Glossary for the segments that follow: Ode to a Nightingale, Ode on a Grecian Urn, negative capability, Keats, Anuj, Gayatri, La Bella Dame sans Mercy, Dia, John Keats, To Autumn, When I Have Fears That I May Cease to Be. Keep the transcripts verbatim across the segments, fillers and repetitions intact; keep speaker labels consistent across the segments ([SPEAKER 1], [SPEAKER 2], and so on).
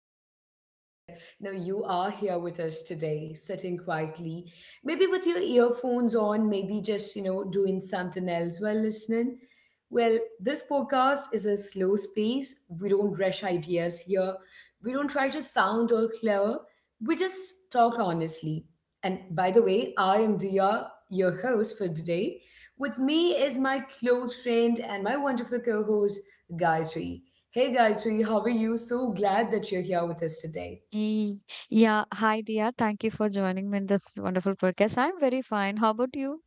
[SPEAKER 1] really glad that you know you are here with us today, sitting quietly, maybe with your earphones on, maybe just you know doing something else while listening. Well, this podcast is a slow space. We don't rush ideas here. We don't try to sound or clever. We just talk honestly. And by the way, I am Dia, your host for today. With me is my close friend and my wonderful co host, Gayatri. Hey, Gayatri, how are you? So glad that you're here with us today.
[SPEAKER 2] Mm. Yeah. Hi, Dia. Thank you for joining me in this wonderful podcast. I'm very fine. How about you?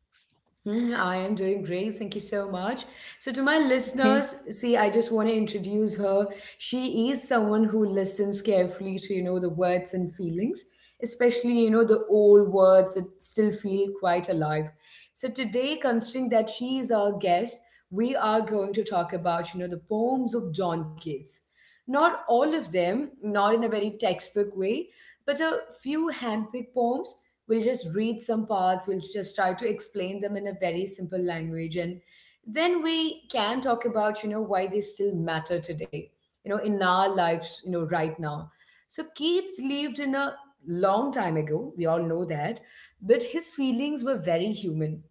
[SPEAKER 1] Hmm, I am doing great. Thank you so much. So, to my
[SPEAKER 2] Okay.
[SPEAKER 1] listeners, see, I just want to introduce her. She is someone who listens carefully to, you know, the words and feelings, especially, you know, the old words that still feel quite alive. So, today, considering that she is our guest, we are going to talk about, you know, the poems of John Keats. Not all of them, not in a very textbook way, but a few handpicked poems, we'll just read some parts, we'll just try to explain them in a very simple language. And then we can talk about, you know, why they still matter today, you know, in our lives, you know, right now. So Keats lived in a long time ago, we all know that, but his feelings were very human.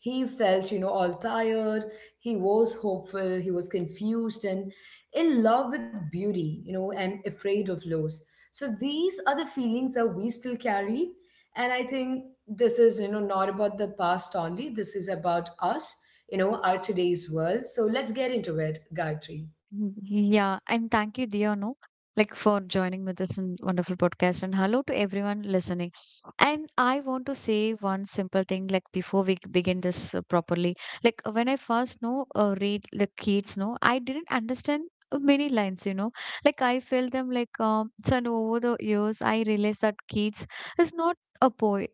[SPEAKER 1] He felt, you know, all tired, he was hopeful, he was confused and in love with beauty, you know, and afraid of loss. So these are the feelings that we still carry. And I think this is, you know, not about the past only, this is about us, you know, our today's world. So let's get into it, Gayatri.
[SPEAKER 2] Mm-hmm. Yeah, and thank you, Dia, no, like for joining with us in wonderful podcast. And hello to everyone listening. And I want to say one simple thing, like before we begin this uh, properly. Like when I first know uh, read the kids, no, I didn't understand uh, many lines. You know, like I felt them like um. So and over the years, I realized that kids is not a poet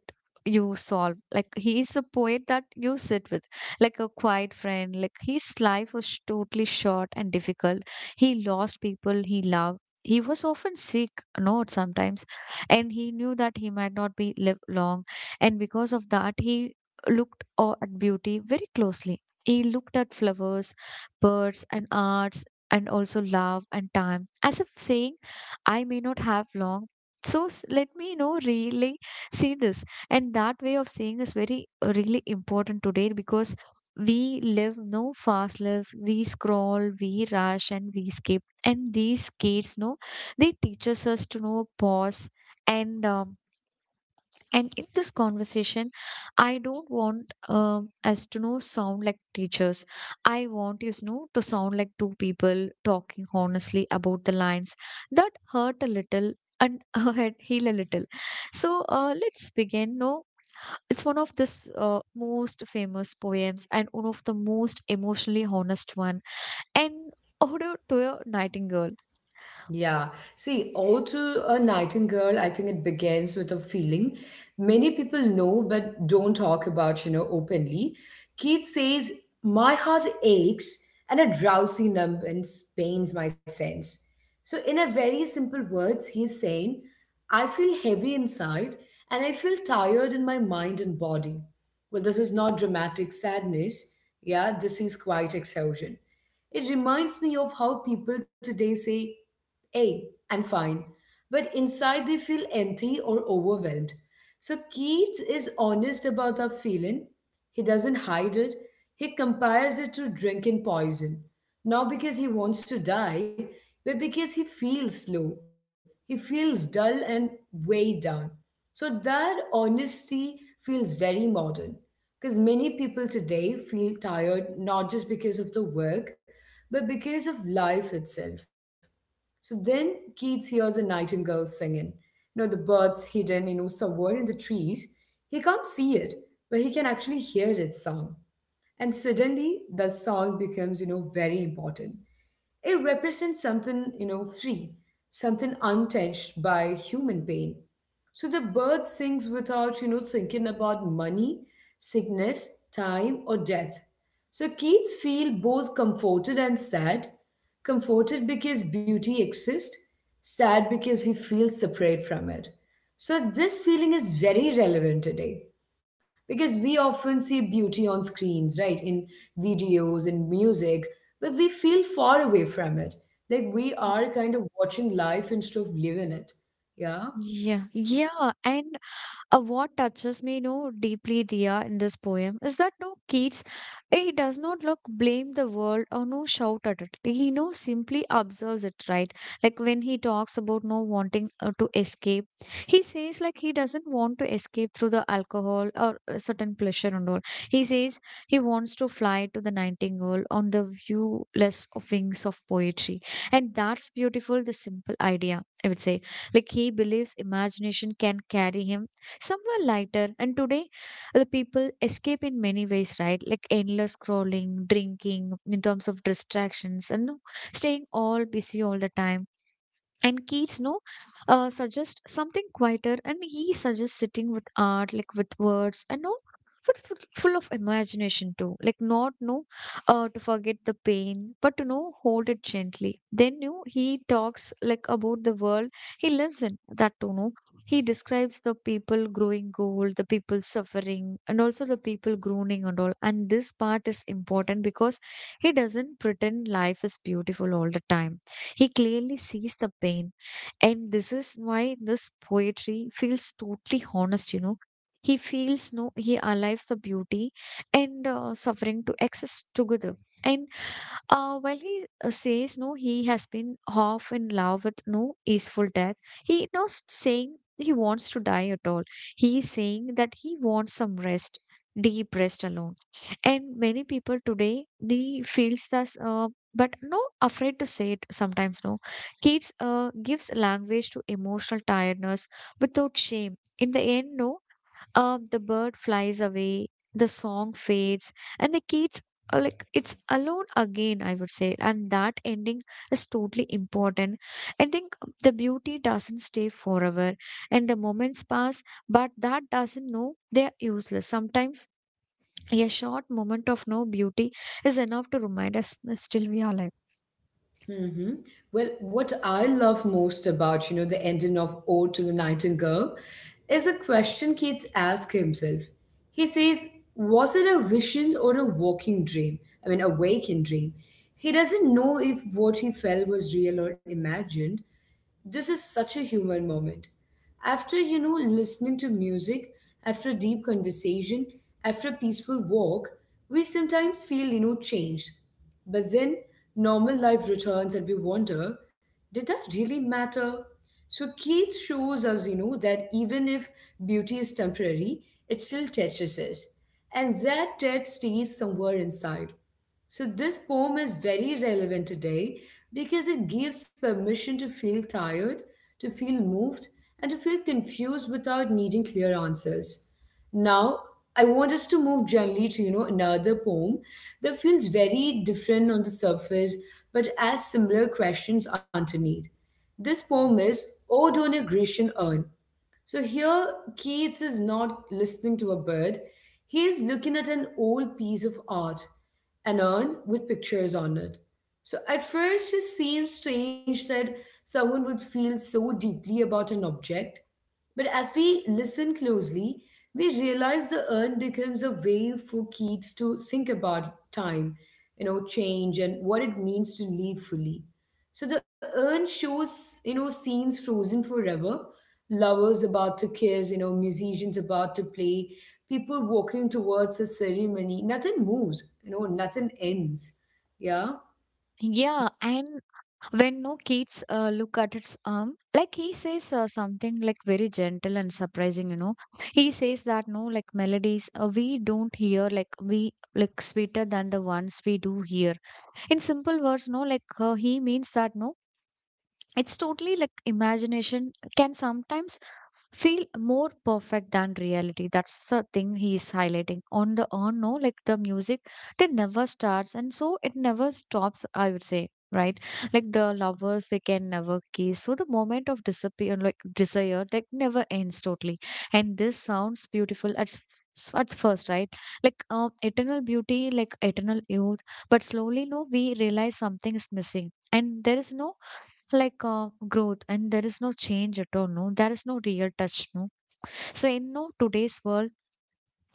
[SPEAKER 2] you solve. Like he is a poet that you sit with like a quiet friend. Like his life was totally short and difficult. He lost people he loved. He was often sick, not sometimes, and he knew that he might not be live long. And because of that, he looked o- at beauty very closely. He looked at flowers, birds, and arts, and also love and time, as if saying, "I may not have long." So s- let me you know really see this, and that way of saying is very uh, really important today because we live no fast lives, we scroll, we rush, and we skip, and these kids know they teaches us to know pause. And um, and in this conversation, I don't want um, us to know sound like teachers. I want you know to sound like two people talking honestly about the lines that hurt a little and heal a little. So uh, let's begin no, it's one of this uh, most famous poems and one of the most emotionally honest one. And Ode to a Nightingale.
[SPEAKER 1] Yeah. See, Ode to a Nightingale, I think it begins with a feeling many people know but don't talk about, you know, openly. Keats says, My heart aches and a drowsy numbness pains my sense. So, in a very simple words, he's saying, I feel heavy inside and I feel tired in my mind and body. Well, this is not dramatic sadness. Yeah, this is quite exhaustion. It reminds me of how people today say, Hey, I'm fine. But inside they feel empty or overwhelmed. So Keats is honest about that feeling. He doesn't hide it. He compares it to drink and poison. Not because he wants to die, but because he feels slow. He feels dull and weighed down. So that honesty feels very modern. Because many people today feel tired not just because of the work, but because of life itself. So then Keats hears a nightingale singing. You know, the bird's hidden, you know, somewhere in the trees. He can't see it, but he can actually hear its song. And suddenly the song becomes, you know, very important. It represents something, you know, free, something untouched by human pain. So the bird sings without, you know, thinking about money, sickness, time, or death. So kids feel both comforted and sad. Comforted because beauty exists, sad because he feels separate from it. So this feeling is very relevant today because we often see beauty on screens, right? In videos, in music, but we feel far away from it. Like we are kind of watching life instead of living it. Yeah.
[SPEAKER 2] Yeah, yeah, and Uh, what touches me, you know, deeply, Dia, in this poem is that no kids, he does not look blame the world or no shout at it. He no simply observes it, right? Like when he talks about no wanting uh, to escape, he says like he doesn't want to escape through the alcohol or a certain pleasure and all. He says he wants to fly to the nightingale on the viewless of wings of poetry, and that's beautiful. The simple idea, I would say, like he believes imagination can carry him somewhere lighter. And today, the people escape in many ways, right? Like endless scrolling, drinking, in terms of distractions, and you know, staying all busy all the time, and Keats no uh, suggests something quieter, and he suggests sitting with art like with words and no but full full of imagination too, like not no uh, to forget the pain but to know hold it gently. Then you he talks like about the world he lives in that to know, he describes the people growing old, the people suffering, and also the people groaning and all. And this part is important because he doesn't pretend life is beautiful all the time. He clearly sees the pain. And this is why this poetry feels totally honest, you know. He feels no, he alives the beauty and uh, suffering to exist together. And uh, while he uh, says no, he has been half in love with no easeful death. He is not saying he wants to die at all. He is saying that he wants some rest, deep rest alone. And many people today they feels this, uh, but no afraid to say it sometimes. No, kids uh, gives language to emotional tiredness without shame. In the end, no uh, the bird flies away, the song fades, and the kids are like it's alone again, I would say. And that ending is totally important. I think the beauty doesn't stay forever, and the moments pass, but that doesn't know they are useless. Sometimes a short moment of no beauty is enough to remind us that still we are alive.
[SPEAKER 1] Mm-hmm. Well, what I love most about, you know, the ending of Ode to the Nightingale is a question Keats asks himself. He says, Was it a vision or a waking dream? I mean, a waking dream. He doesn't know if what he felt was real or imagined. This is such a human moment. After, you know, listening to music, after a deep conversation, after a peaceful walk, we sometimes feel, you know, changed. But then normal life returns and we wonder, did that really matter? So Keith shows us, you know, that even if beauty is temporary, it still touches us. And that death stays somewhere inside. So, this poem is very relevant today because it gives permission to feel tired, to feel moved, and to feel confused without needing clear answers. Now, I want us to move gently to you know another poem that feels very different on the surface but asks similar questions underneath. This poem is Ode on a Grecian Urn. So here, Keats is not listening to a bird. He is looking at an old piece of art, an urn with pictures on it. So at first, it seems strange that someone would feel so deeply about an object. But as we listen closely, we realize the urn becomes a way for Keats to think about time, you know, change, and what it means to live fully. So the urn shows, you know, scenes frozen forever, lovers about to kiss, you know, musicians about to play, people walking towards a ceremony. Nothing moves, you know, nothing ends. Yeah.
[SPEAKER 2] Yeah, and when no kids uh, look at its arm, like he says uh, something like very gentle and surprising, you know, he says that no like melodies uh, we don't hear like we like sweeter than the ones we do hear. In simple words no like uh, he means that no it's totally like imagination can sometimes feel more perfect than reality. That's the thing he is highlighting. On the on, no, like the music, it never starts, and so it never stops. I would say, right? Like the lovers, they can never kiss. So the moment of disappear, like desire, like never ends totally. And this sounds beautiful at s- s- at first, right? Like um, eternal beauty, like eternal youth. But slowly, no, we realize something is missing, and there is no like uh, growth, and there is no change at all, no, there is no real touch no. So in no today's world,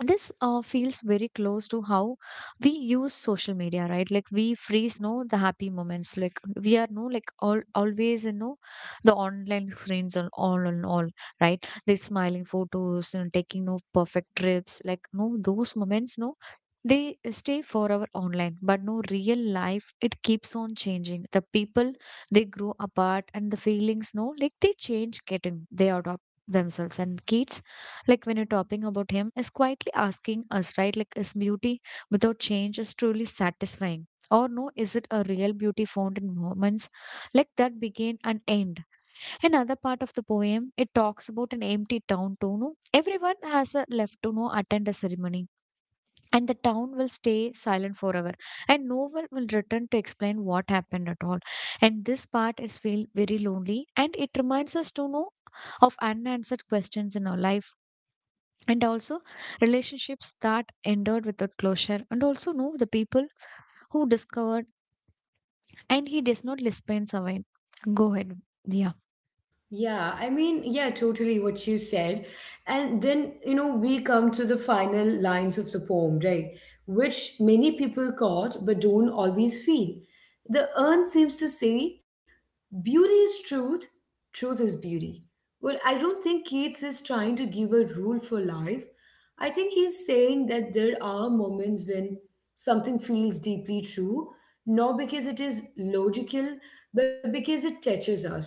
[SPEAKER 2] this uh, feels very close to how we use social media, right? Like we freeze no the happy moments, like we are no like all always you know the online screens and all and all, right, the smiling photos and taking no perfect trips like no those moments no they stay forever online. But no real life, it keeps on changing. The people they grow apart, and the feelings no like they change getting, they adopt themselves. And kids like when you're talking about him is quietly asking us, right? Like is beauty without change is truly satisfying, or no, is it a real beauty found in moments like that begin and end. Another part of the poem, it talks about an empty town to know. Everyone has a left to know attend a ceremony. And the town will stay silent forever. And no one will return to explain what happened at all. And this part is feel very lonely. And it reminds us to know of unanswered questions in our life, and also relationships that endured without closure, and also know the people who discovered, and he does not dispense away. Go ahead, yeah.
[SPEAKER 1] Yeah, I mean, yeah, totally what you said. And then, you know, we come to the final lines of the poem, right? Which many people caught but don't always feel. The urn seems to say, beauty is truth, truth is beauty. Well, I don't think Keats is trying to give a rule for life. I think he's saying that there are moments when something feels deeply true, not because it is logical, but because it touches us,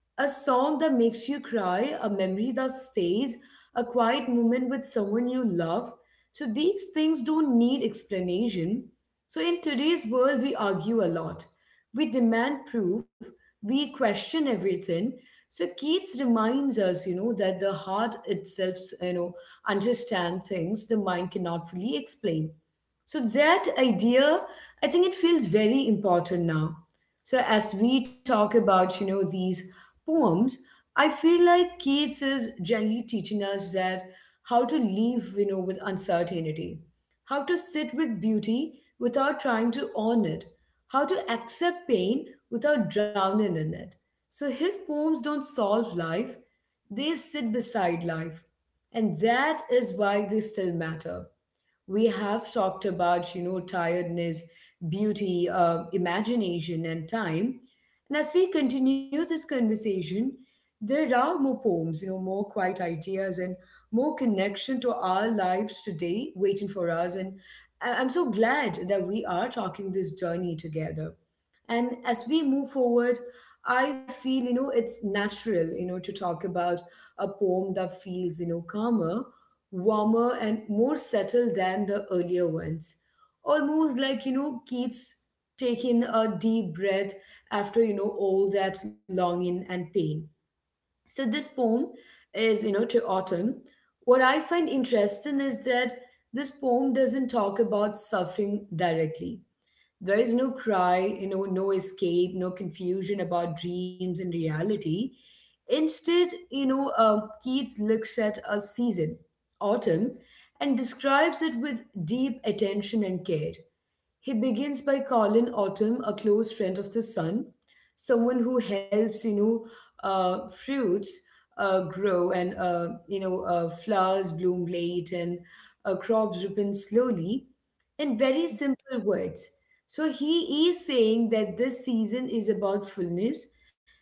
[SPEAKER 1] a song that makes you cry, a memory that stays, a quiet moment with someone you love. So these things don't need explanation. So in today's world, we argue a lot. We demand proof. We question everything. So Keats reminds us, you know, that the heart itself, you know, understand things the mind cannot fully explain. So that idea, I think it feels very important now. So as we talk about, you know, these poems, I feel like Keats is generally teaching us that how to live, you know, with uncertainty, how to sit with beauty without trying to own it, how to accept pain without drowning in it. So his poems don't solve life, they sit beside life. And that is why they still matter. We have talked about you know tiredness, beauty, uh, imagination and time, and as we continue this conversation, there are more poems, you know more quiet ideas and more connection to our lives today waiting for us. And I- i'm so glad that we are talking this journey together. And as we move forward, I feel you know it's natural you know to talk about a poem that feels you know calmer, warmer and more subtle than the earlier ones. Almost like, you know, Keats taking a deep breath after, you know, all that longing and pain. So this poem is, you know, to Autumn. What I find interesting is that this poem doesn't talk about suffering directly. There is no cry, you know, no escape, no confusion about dreams and reality. Instead, you know, uh, Keats looks at a season, autumn, and describes it with deep attention and care. He begins by calling Autumn a close friend of the sun, someone who helps, you know, uh, fruits uh, grow and, uh, you know, uh, flowers bloom late and uh, crops ripen slowly. In very simple words, so he is saying that this season is about fullness,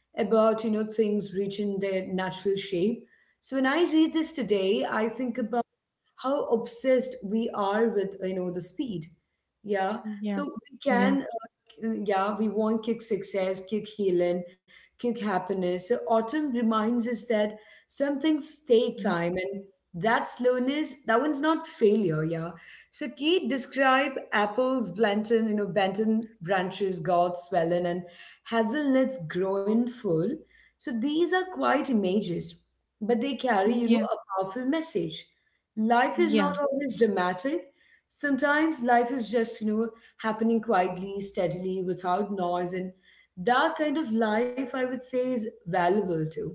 [SPEAKER 1] about you know things reaching their natural shape. So when I read this today, I think about how obsessed we are with you know the speed. Yeah,
[SPEAKER 2] Yeah,
[SPEAKER 1] so we
[SPEAKER 2] yeah.
[SPEAKER 1] can, uh, yeah, we want kick success, kick healing, kick happiness. So autumn reminds us that some things take
[SPEAKER 2] Mm,
[SPEAKER 1] time and that slowness that one's not failure. Yeah. So kate describe apples blanton, you know benton branches gods swelling and hazelnuts growing full. So these are quite images, but they carry you know
[SPEAKER 2] yeah,
[SPEAKER 1] a powerful message. Life is
[SPEAKER 2] yeah.
[SPEAKER 1] not always dramatic. Sometimes life is just, you know, happening quietly, steadily, without noise. And that kind of life, I would say, is valuable too.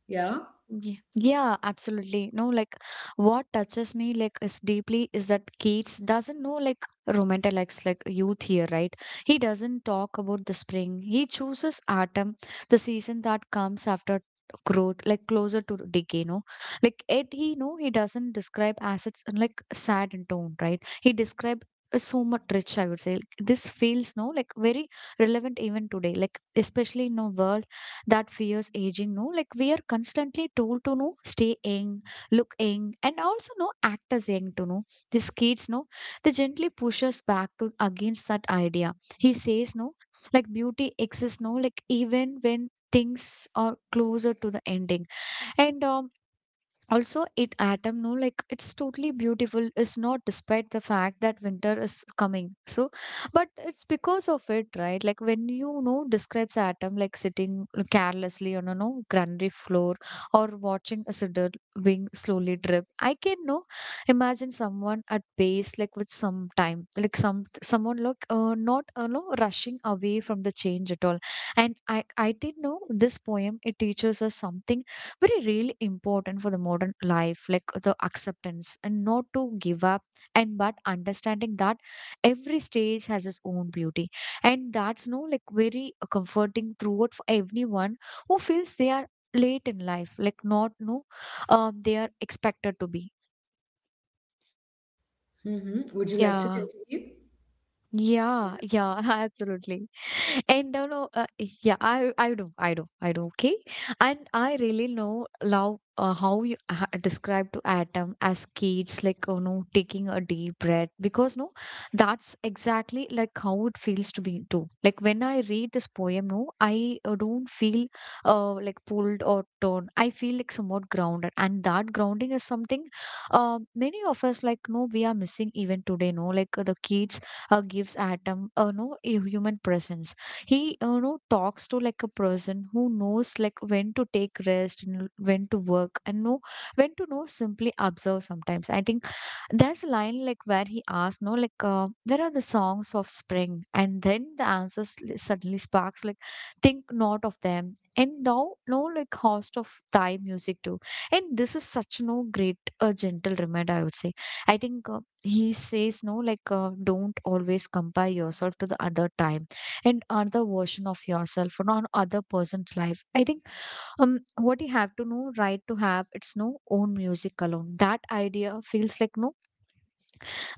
[SPEAKER 1] Yeah.
[SPEAKER 2] Ye- Yeah, absolutely. No, like what touches me like is deeply is that Keats doesn't know like romanticized like youth here, right? He doesn't talk about the spring. He chooses autumn, the season that comes after growth, like closer to decay, no? Like it he no, he doesn't describe as it's like sad in tone, right? He described so much rich, I would say. Like, this feels no like very relevant even today, like especially in a world that fears aging, no, like we are constantly told to know stay young, look young, and also no act as young to know. These kids no, they gently push us back to against that idea. He says no like beauty exists no like even when things are closer to the ending. And um, also it autumn no like it's totally beautiful. It's not despite the fact that winter is coming so, but it's because of it, right? Like when you know describes autumn like sitting carelessly on a no granary floor or watching a cedar wing slowly drip, I can no imagine someone at base like with some time like some someone like uh, not uh, no rushing away from the change at all. And i i didn't know this poem, it teaches us something very really important for the modern life, like the acceptance and not to give up, and but understanding that every stage has its own beauty. And that's no like very uh, comforting throughout for everyone who feels they are late in life, like not no um they are expected to be.
[SPEAKER 1] hmm Would you like to
[SPEAKER 2] Yeah,
[SPEAKER 1] continue?
[SPEAKER 2] yeah, yeah. Absolutely. And don't know uh, yeah, i i do i do i do. Okay. And I really know love uh, how you ha- describe to adam as kids, like you know taking a deep breath, because no that's exactly like how it feels to be too. Like when I read this poem no, I uh, don't feel uh, like pulled or torn. I feel like somewhat grounded, and that grounding is something uh, many of us like no we are missing even today, no, like uh, the kids uh, gives atom uh, no a human presence. He you know talks to like a person who knows like when to take rest and when to work and know when to know simply observe. Sometimes I think there's a line like where he asks, no, like, uh, where are the songs of spring? And then the answers li- suddenly sparks, like, think not of them. And thou, no, like, host of thy music too. And this is such no great, uh, gentle reminder, I would say. I think uh, he says, no, like, uh, don't always compare yourself to the other time and other version of yourself or on other person's life. I think um what you have to know right to have it's no own music alone, that idea feels like no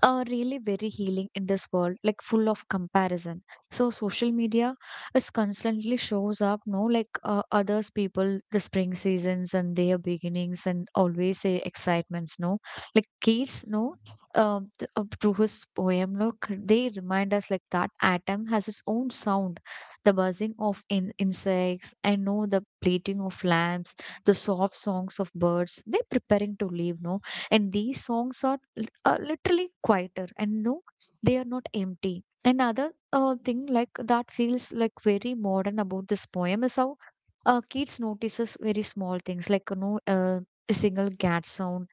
[SPEAKER 2] are really very healing in this world, like full of comparison. So social media is constantly shows up, no, like uh, others people, the spring seasons and their beginnings and always say excitements, no, like kids, no. Um, th- uh, through his poem, look, they remind us like that atom has its own sound, the buzzing of in- insects, and no, the bleating of lambs, the soft songs of birds. They're preparing to leave, no, and these songs are l- uh, literally quieter and no they are not empty. Another uh, thing like that feels like very modern about this poem is how uh, kids notices very small things like you know uh, a single cat sound,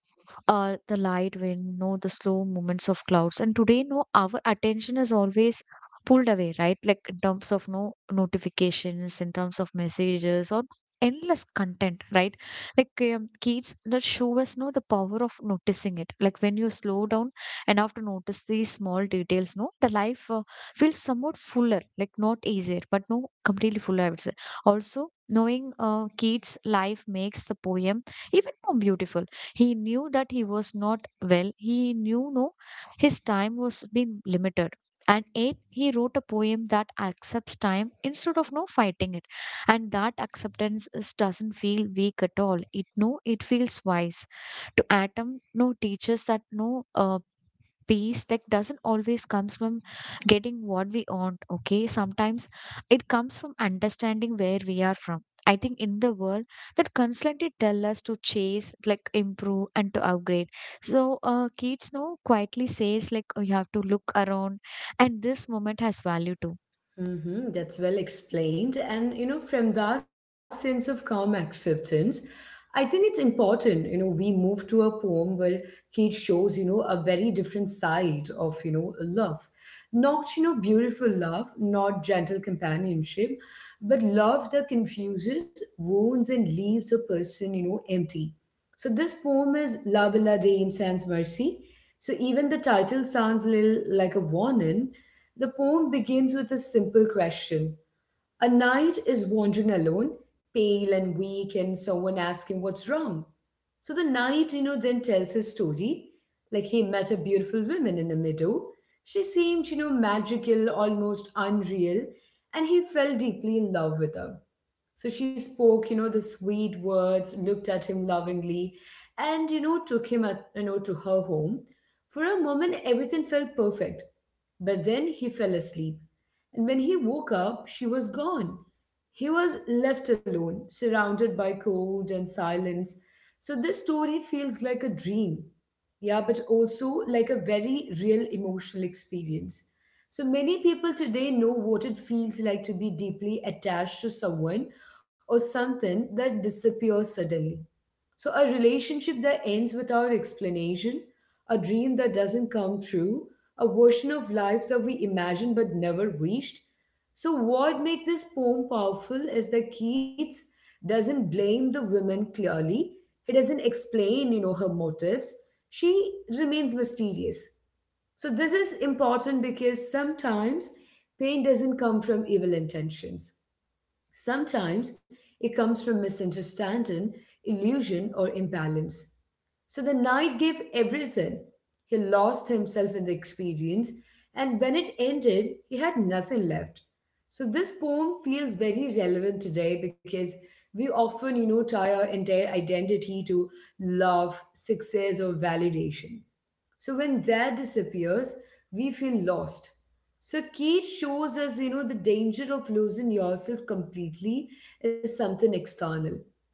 [SPEAKER 2] uh, the light wind, no, the slow movements of clouds. And today, no, our attention is always pulled away, right? Like in terms of no notifications, in terms of messages, or endless content, right? Like um, kids that show us no the power of noticing it. Like when you slow down enough to notice these small details, no, the life uh, feels somewhat fuller, like not easier, but no, completely fuller, I would say. Also, knowing uh, kids' life makes the poem even more beautiful. He knew that he was not well. He knew no his time was being limited. And eight, he wrote a poem that accepts time instead of no fighting it. And that acceptance is, doesn't feel weak at all. It no, it feels wise. To Atom, no teaches that no uh, peace like doesn't always comes from getting what we want. Okay, sometimes it comes from understanding where we are from. I think in the world that constantly tell us to chase like improve and to upgrade, so uh, kids now quietly says like, oh, you have to look around and this moment has value too.
[SPEAKER 1] Mm-hmm, that's well explained. And, you know, from that sense of calm acceptance, I think it's important, you know, we move to a poem where Kate shows, you know, a very different side of, you know, love. Not, you know, beautiful love, not gentle companionship, but love that confuses, wounds, and leaves a person, you know, empty. So this poem is La Bella de Sans Mercy. So even the title sounds a little like a warning. The poem begins with a simple question. A knight is wandering alone, pale and weak, and someone asking what's wrong. So the knight, you know, then tells his story. Like he met a beautiful woman in a meadow. She seemed, you know, magical, almost unreal, and he fell deeply in love with her. So she spoke, you know, the sweet words, looked at him lovingly, and, you know, took him, at, you know, to her home. For a moment, everything felt perfect. But then he fell asleep. And when he woke up, she was gone. He was left alone, surrounded by cold and silence. So this story feels like a dream. Yeah, but also like a very real emotional experience. So many people today know what it feels like to be deeply attached to someone or something that disappears suddenly. So, a relationship that ends without explanation, a dream that doesn't come true, a version of life that we imagined but never reached. So, what makes this poem powerful is that Keats doesn't blame the women clearly. He doesn't explain, you know, her motives. She remains mysterious. So, this is important because sometimes pain doesn't come from evil intentions. Sometimes it comes from misunderstanding, illusion, or imbalance. So the knight gave everything. He lost himself in the experience, and when it ended, he had nothing left. So this poem feels very relevant today because we often, you know, tie our entire identity to love, success, or validation. So when that disappears, we feel lost. So Keith shows us, you know, the danger of losing yourself completely is something external.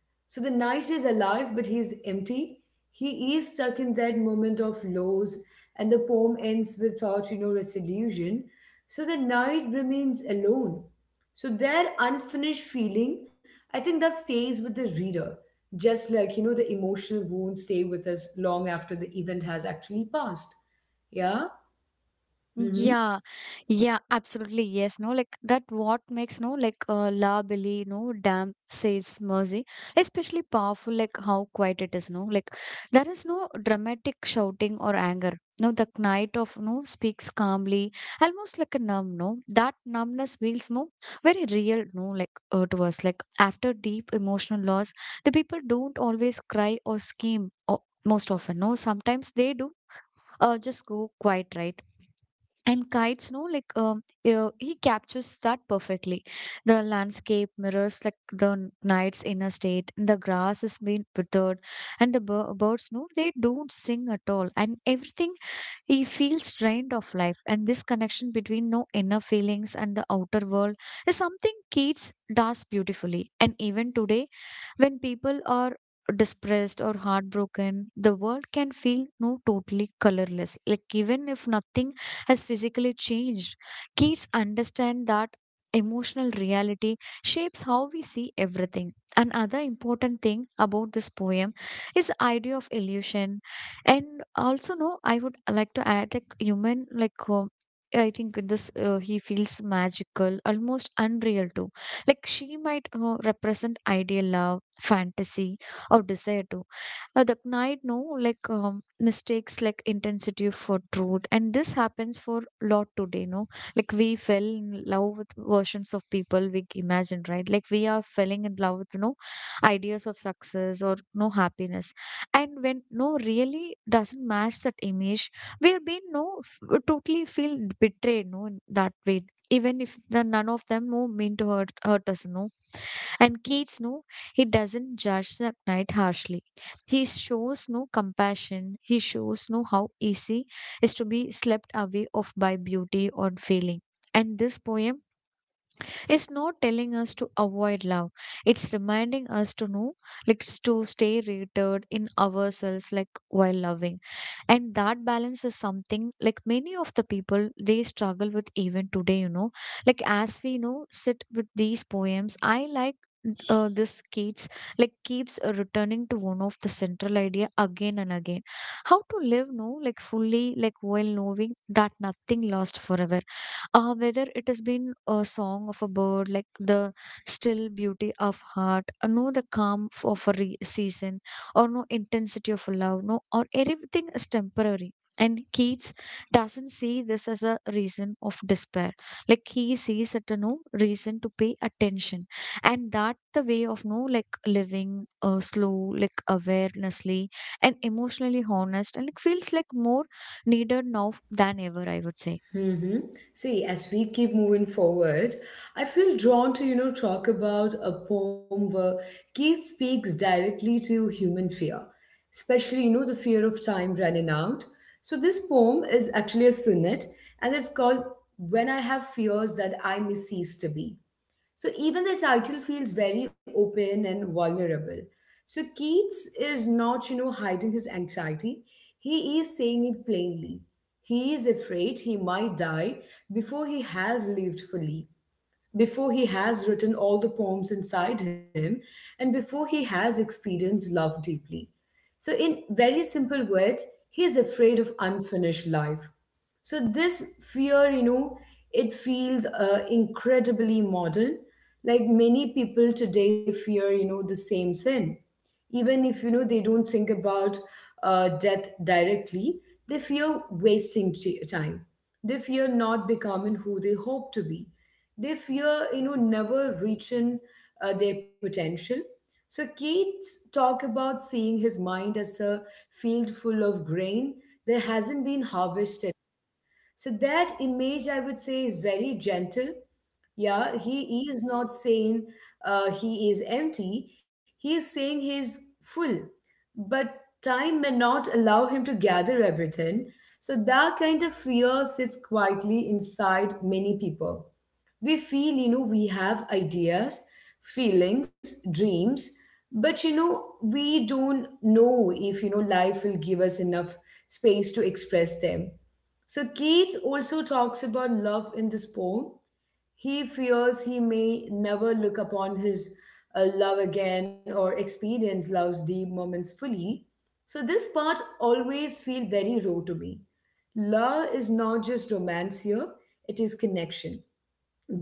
[SPEAKER 1] So the knight is alive, but he is empty. He is stuck in that moment of loss, and the poem ends without, you know, resolution. So the knight remains alone. So that unfinished feeling, I think that stays with the reader just like you know the emotional wounds stay with us long after the event has actually passed. Yeah. Mm-hmm.
[SPEAKER 2] Yeah, yeah, absolutely. Yes, no, like that what makes no like uh, La Billy, no damn says mercy, especially powerful, like how quiet it is, no, like there is no dramatic shouting or anger. No, the knight of no speaks calmly, almost like a numb, no, that numbness feels no very real, no, like uh, to us, like after deep emotional loss, the people don't always cry or scream, or most often, no, sometimes they do. Uh, just go quiet, right? And kites no like um uh, he captures that perfectly. The landscape mirrors like the n- night's inner state and the grass is being withered and the bir- birds no they don't sing at all and everything he feels drained of life, and this connection between no inner feelings and the outer world is something Keats does beautifully. And even today, when people are depressed or heartbroken, the world can feel no totally colorless. Like even if nothing has physically changed, Keats understand that emotional reality shapes how we see everything. Another important thing about this poem is the idea of illusion, and also no I would like to add like human like uh, I think in this uh, he feels magical almost unreal too, like she might uh, represent ideal love fantasy or desire too. Uh, the night no like um, mistakes like intensity for truth and this happens for lot today no, like we fell in love with versions of people we imagined, right? Like we are falling in love with you know ideas of success or no happiness. And when no really doesn't match that image, we have been no f- totally feel betrayed no in that way, even if the none of them no mean to hurt hurt us no. And kids no, he doesn't judge the knight harshly. He shows no compassion, he shows no how easy is to be swept away of by beauty or feeling. And this poem, it's not telling us to avoid love. It's reminding us to know, like s- to stay rooted in ourselves, like while loving. And that balance is something like many of the people they struggle with even today, you know. Like as we know, sit with these poems, I like uh, this kids like keeps uh, returning to one of the central idea again and again: how to live no like fully like while knowing that nothing lasts forever. Uh, whether it has been a song of a bird like the still beauty of heart or no the calm f- of a re- season or no intensity of love, no or everything is temporary. And Keats doesn't see this as a reason of despair. Like he sees it a no reason to pay attention, and that the way of no like living uh, slow like awarenessly and emotionally honest, and it feels like more needed now than ever, I would say.
[SPEAKER 1] Mm-hmm. See, as we keep moving forward, I feel drawn to, you know, talk about a poem where Keith speaks directly to human fear, especially, you know, the fear of time running out. So this poem is actually a sonnet and it's called When I Have Fears That I May Cease to Be. So even the title feels very open and vulnerable. So Keats is not, you know, hiding his anxiety. He is saying it plainly. He is afraid he might die before he has lived fully, before he has written all the poems inside him, and before he has experienced love deeply. So, in very simple words, he is afraid of unfinished life. So, this fear, you know, it feels uh, incredibly modern. Like many people today fear, you know, the same thing, even if you know they don't think about uh, death directly. They fear wasting t- time. They fear not becoming who they hope to be. They fear you know never reaching uh, their potential. So Keats talk about seeing his mind as a field full of grain that hasn't been harvested. So that image, I would say, is very gentle. Yeah, he is not saying uh, he is empty. He is saying he is full. But time may not allow him to gather everything. So that kind of fear sits quietly inside many people. We feel, you know, we have ideas, feelings, dreams, but, you know, we don't know if, you know, life will give us enough space to express them. So Keats also talks about love in this poem. He fears he may never look upon his uh, love again or experience love's deep moments fully. So this part always feel very raw to me. Love is not just romance here, it is connection,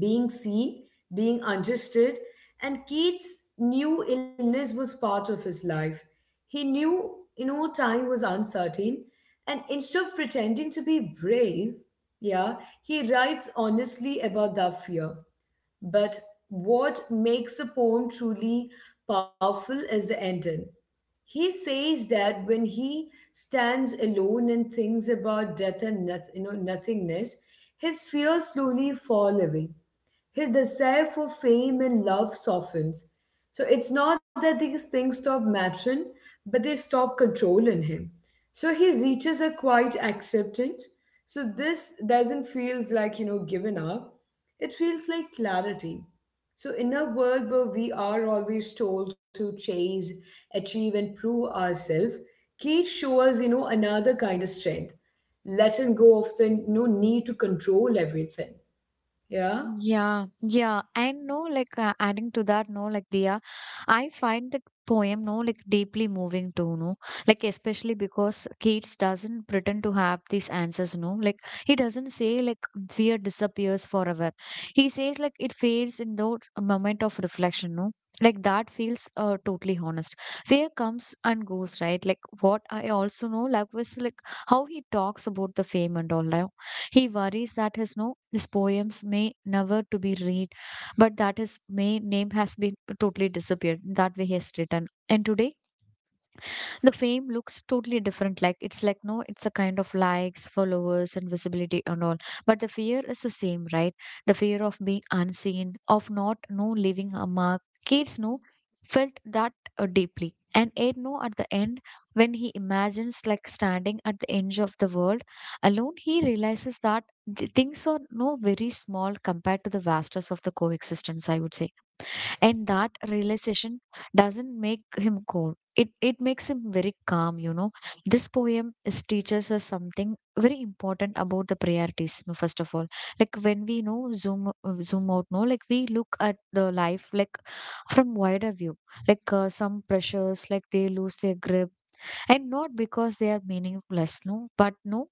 [SPEAKER 1] being seen, being understood, and Keith's new illness was part of his life. He knew, you know, time was uncertain, and instead of pretending to be brave, yeah, he writes honestly about that fear. But what makes the poem truly powerful is the ending. He says that when he stands alone and thinks about death and noth- you know, nothingness, his fears slowly fall away. His desire for fame and love softens. So it's not that these things stop mattering, but they stop controlling him. So he reaches a quiet acceptance. So this doesn't feels like you know giving up. It feels like clarity. So in a world where we are always told to chase, achieve, and prove ourselves, Keith shows you know another kind of strength, letting go of the no need to control everything. Yeah.
[SPEAKER 2] Yeah, yeah. And no, like uh, adding to that, no, like Dia, I find that poem, no, like deeply moving too, no. Like especially because Keats doesn't pretend to have these answers, no. Like he doesn't say like fear disappears forever. He says like it fades in the moment of reflection, no. Like that feels uh, totally honest. Fear comes and goes, right? Like what I also know, like was like how he talks about the fame and all, right? He worries that his no his poems may never to be read, but that his main name has been totally disappeared. That way he has written. And today the fame looks totally different, like it's like no it's a kind of likes followers and visibility and all, but the fear is the same, right? The fear of being unseen, of not no leaving a mark. Kids know felt that uh, deeply. And ed no at the end, when he imagines like standing at the edge of the world alone, he realizes that the things are no very small compared to the vastness of the coexistence, I would say. And that realization doesn't make him cold, it it makes him very calm, you know. This poem is teaches us something very important about the priorities, no, first of all. Like when we you know zoom uh, zoom out no, like we look at the life like from wider view, like uh, some pressures like they lose their grip. And not because they are meaningless, no, but no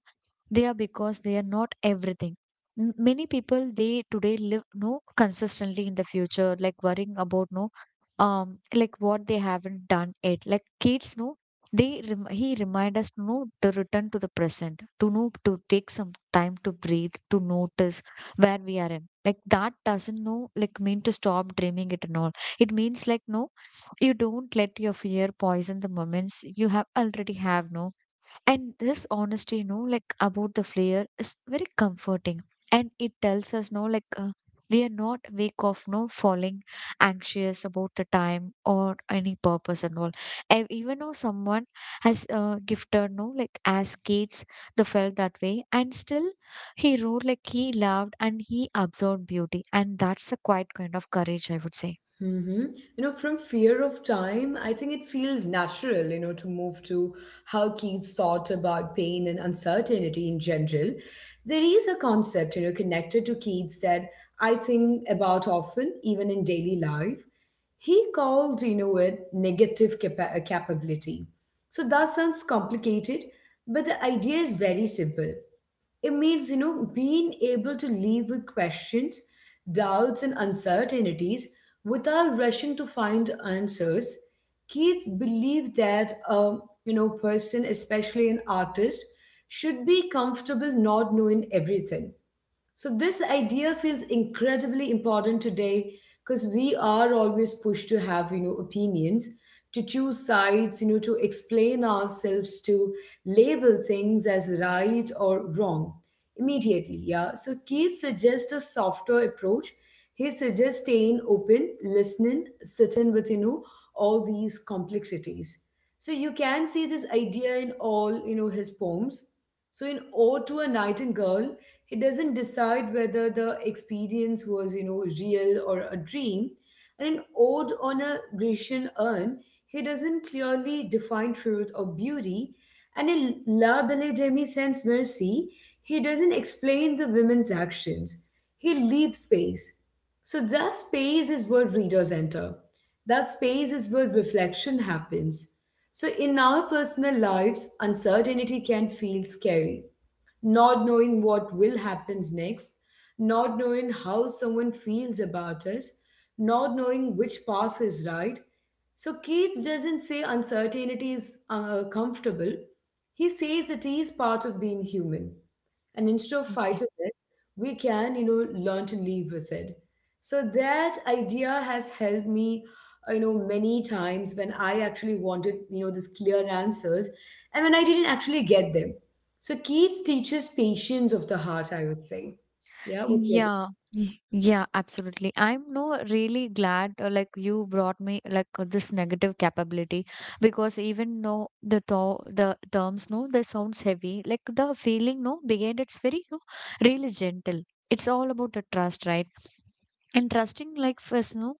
[SPEAKER 2] they are because they are not everything. M- Many people they today live no consistently in the future, like worrying about no, um, like what they haven't done yet. Like kids, no, they rem he remind us to know to return to the present, to know to take some time to breathe, to notice where we are in. Like that doesn't know like mean to stop dreaming it and all. It means like no, you don't let your fear poison the moments you have already have no. And this honesty, you know, like about the flair is very comforting. And it tells us, no, like uh, we are not weak of no falling anxious about the time or any purpose and all. And even though someone has uh, gifted, no, like as kids, they felt that way. And still, he wrote like he loved and he absorbed beauty. And that's a quite kind of courage, I would say.
[SPEAKER 1] Mm-hmm. You know, from fear of time, I think it feels natural, you know, to move to how Keats thought about pain and uncertainty in general. There is a concept, you know, connected to Keats that I think about often, even in daily life. He called, you know, it negative capa- uh, capability. So that sounds complicated, but the idea is very simple. It means, you know, being able to live with questions, doubts, and uncertainties without rushing to find answers. Kids believe that a you know person, especially an artist, should be comfortable not knowing everything. So this idea feels incredibly important today because we are always pushed to have you know opinions, to choose sides, you know, to explain ourselves, to label things as right or wrong immediately. Yeah. So Keith suggests a softer approach. He suggests staying open, listening, sitting with you know all these complexities. So you can see this idea in all you know his poems. So in Ode to a Nightingale, he doesn't decide whether the experience was you know real or a dream. And in Ode on a Grecian urn, he doesn't clearly define truth or beauty. And in La Belle Demi Sans Mercy, he doesn't explain the women's actions. He leaves space. So that space is where readers enter. That space is where reflection happens. So in our personal lives, uncertainty can feel scary, not knowing what will happens next, not knowing how someone feels about us, not knowing which path is right. So Keats doesn't say uncertainty is uh, comfortable. He says it is part of being human. And instead of
[SPEAKER 2] Okay.
[SPEAKER 1] fighting it, we can, you know, learn to live with it. So that idea has helped me, uh, you know, many times when I actually wanted, you know, these clear answers and when I didn't actually get them. So kids teaches patience of the heart, I would say. Yeah, with what.
[SPEAKER 2] Yeah, y- yeah, absolutely. I'm no really glad uh, like you brought me like uh, this negative capability, because even though the to the terms no they sounds heavy, like the feeling no behind it's very no really gentle. It's all about the trust, right? And trusting like first no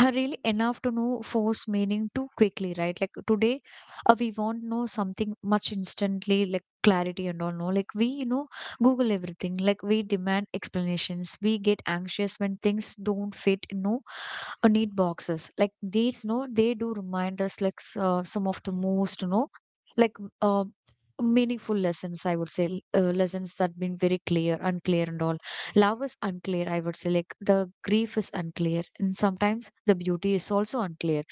[SPEAKER 2] are really enough to know force meaning too quickly, right? Like today, uh, we want know something much instantly, like clarity and all. No, like we you know Google everything. Like we demand explanations. We get anxious when things don't fit. You know, uh, need boxes like these. No, they do remind us like s- uh, some of the most you know like uh, meaningful lessons, I would say, l- uh, lessons that been very clear, unclear, and all. Love is unclear, I would say. Like the grief is unclear. And sometimes the beauty is also unclear.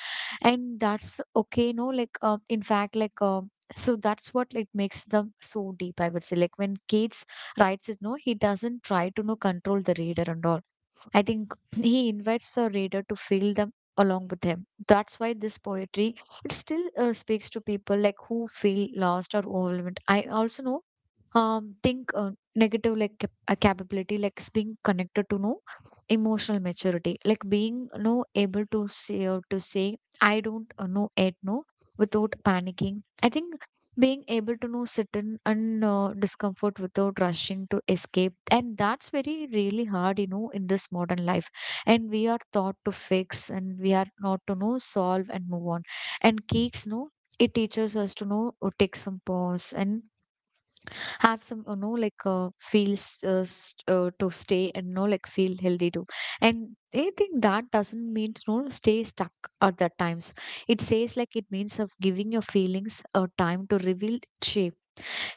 [SPEAKER 2] And that's okay, no? Like, uh, in fact, like, um, so that's what like makes them so deep, I would say. Like when Keats writes his no, he doesn't try to no control the reader and all. I think he invites the reader to feel them along with him. That's why this poetry it still uh, speaks to people like who feel lost or overwhelmed. I also know um think uh, negative like cap- a capability like is being connected to no emotional maturity, like being no able to say or to say I don't uh, know it no, without panicking. I think being able to know sit in and uh, discomfort without rushing to escape, and that's very really hard, you know, in this modern life. And we are taught to fix and we are not to know solve and move on. And kids, no, it teaches us to know uh, take some pause and have some, you know, like uh, feels uh, st- uh, to stay and, you know, like feel healthy too. And I think that doesn't mean, you know, stay stuck at that times. It says, like, it means of giving your feelings a time to reveal shape.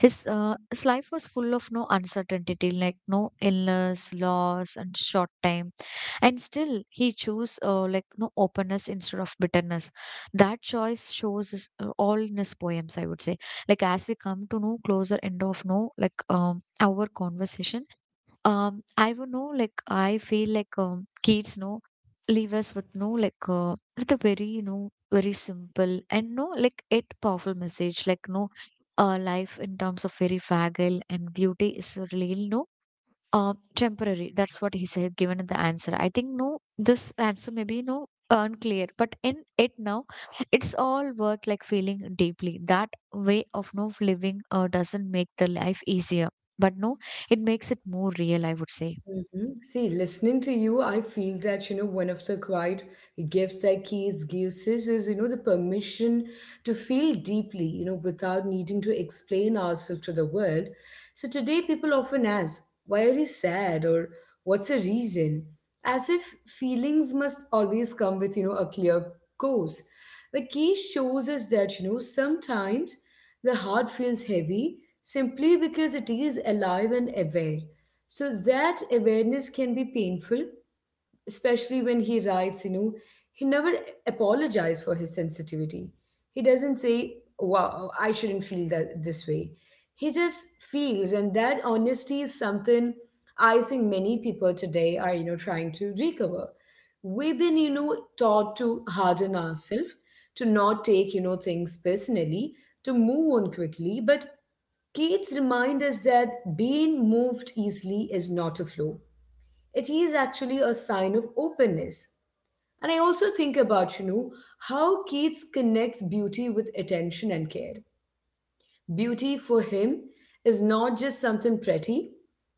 [SPEAKER 2] His uh, his life was full of no uncertainty, like no illness, loss, and short time, and still he chose uh, like no openness instead of bitterness. That choice shows his, uh, all in his poems, I would say. Like, as we come to know closer end of, no, like um our conversation, um I would know, like, I feel like, um kids know leave us with, no, like uh, with a very, you know, very simple and no like it powerful message, like no uh, life in terms of very fragile and beauty is really no uh, temporary. That's what he said, given the answer. I think, no, this answer maybe no unclear, but in it now, it's all worth like feeling deeply. That way of no living uh, doesn't make the life easier, but, no, it makes it more real, I would say.
[SPEAKER 1] Mhm. See, listening to you, I feel that, you know, one of the quiet gifts that kids gives us is, you know, the permission to feel deeply, you know, without needing to explain ourselves to the world. So today people often ask, why are you sad, or what's the reason? As if feelings must always come with, you know, a clear course. But Keys shows us that, you know, sometimes the heart feels heavy simply because it is alive and aware. So that awareness can be painful, especially when he writes, you know, he never apologized for his sensitivity. He doesn't say, wow, I shouldn't feel that this way. He just feels, and that honesty is something I think many people today are, you know, trying to recover. We've been, you know, taught to harden ourselves, to not take, you know, things personally, to move on quickly, but Keats remind us that being moved easily is not a flaw. It is actually a sign of openness. And I also think about, you know, how Keats connects beauty with attention and care. Beauty for him is not just something pretty,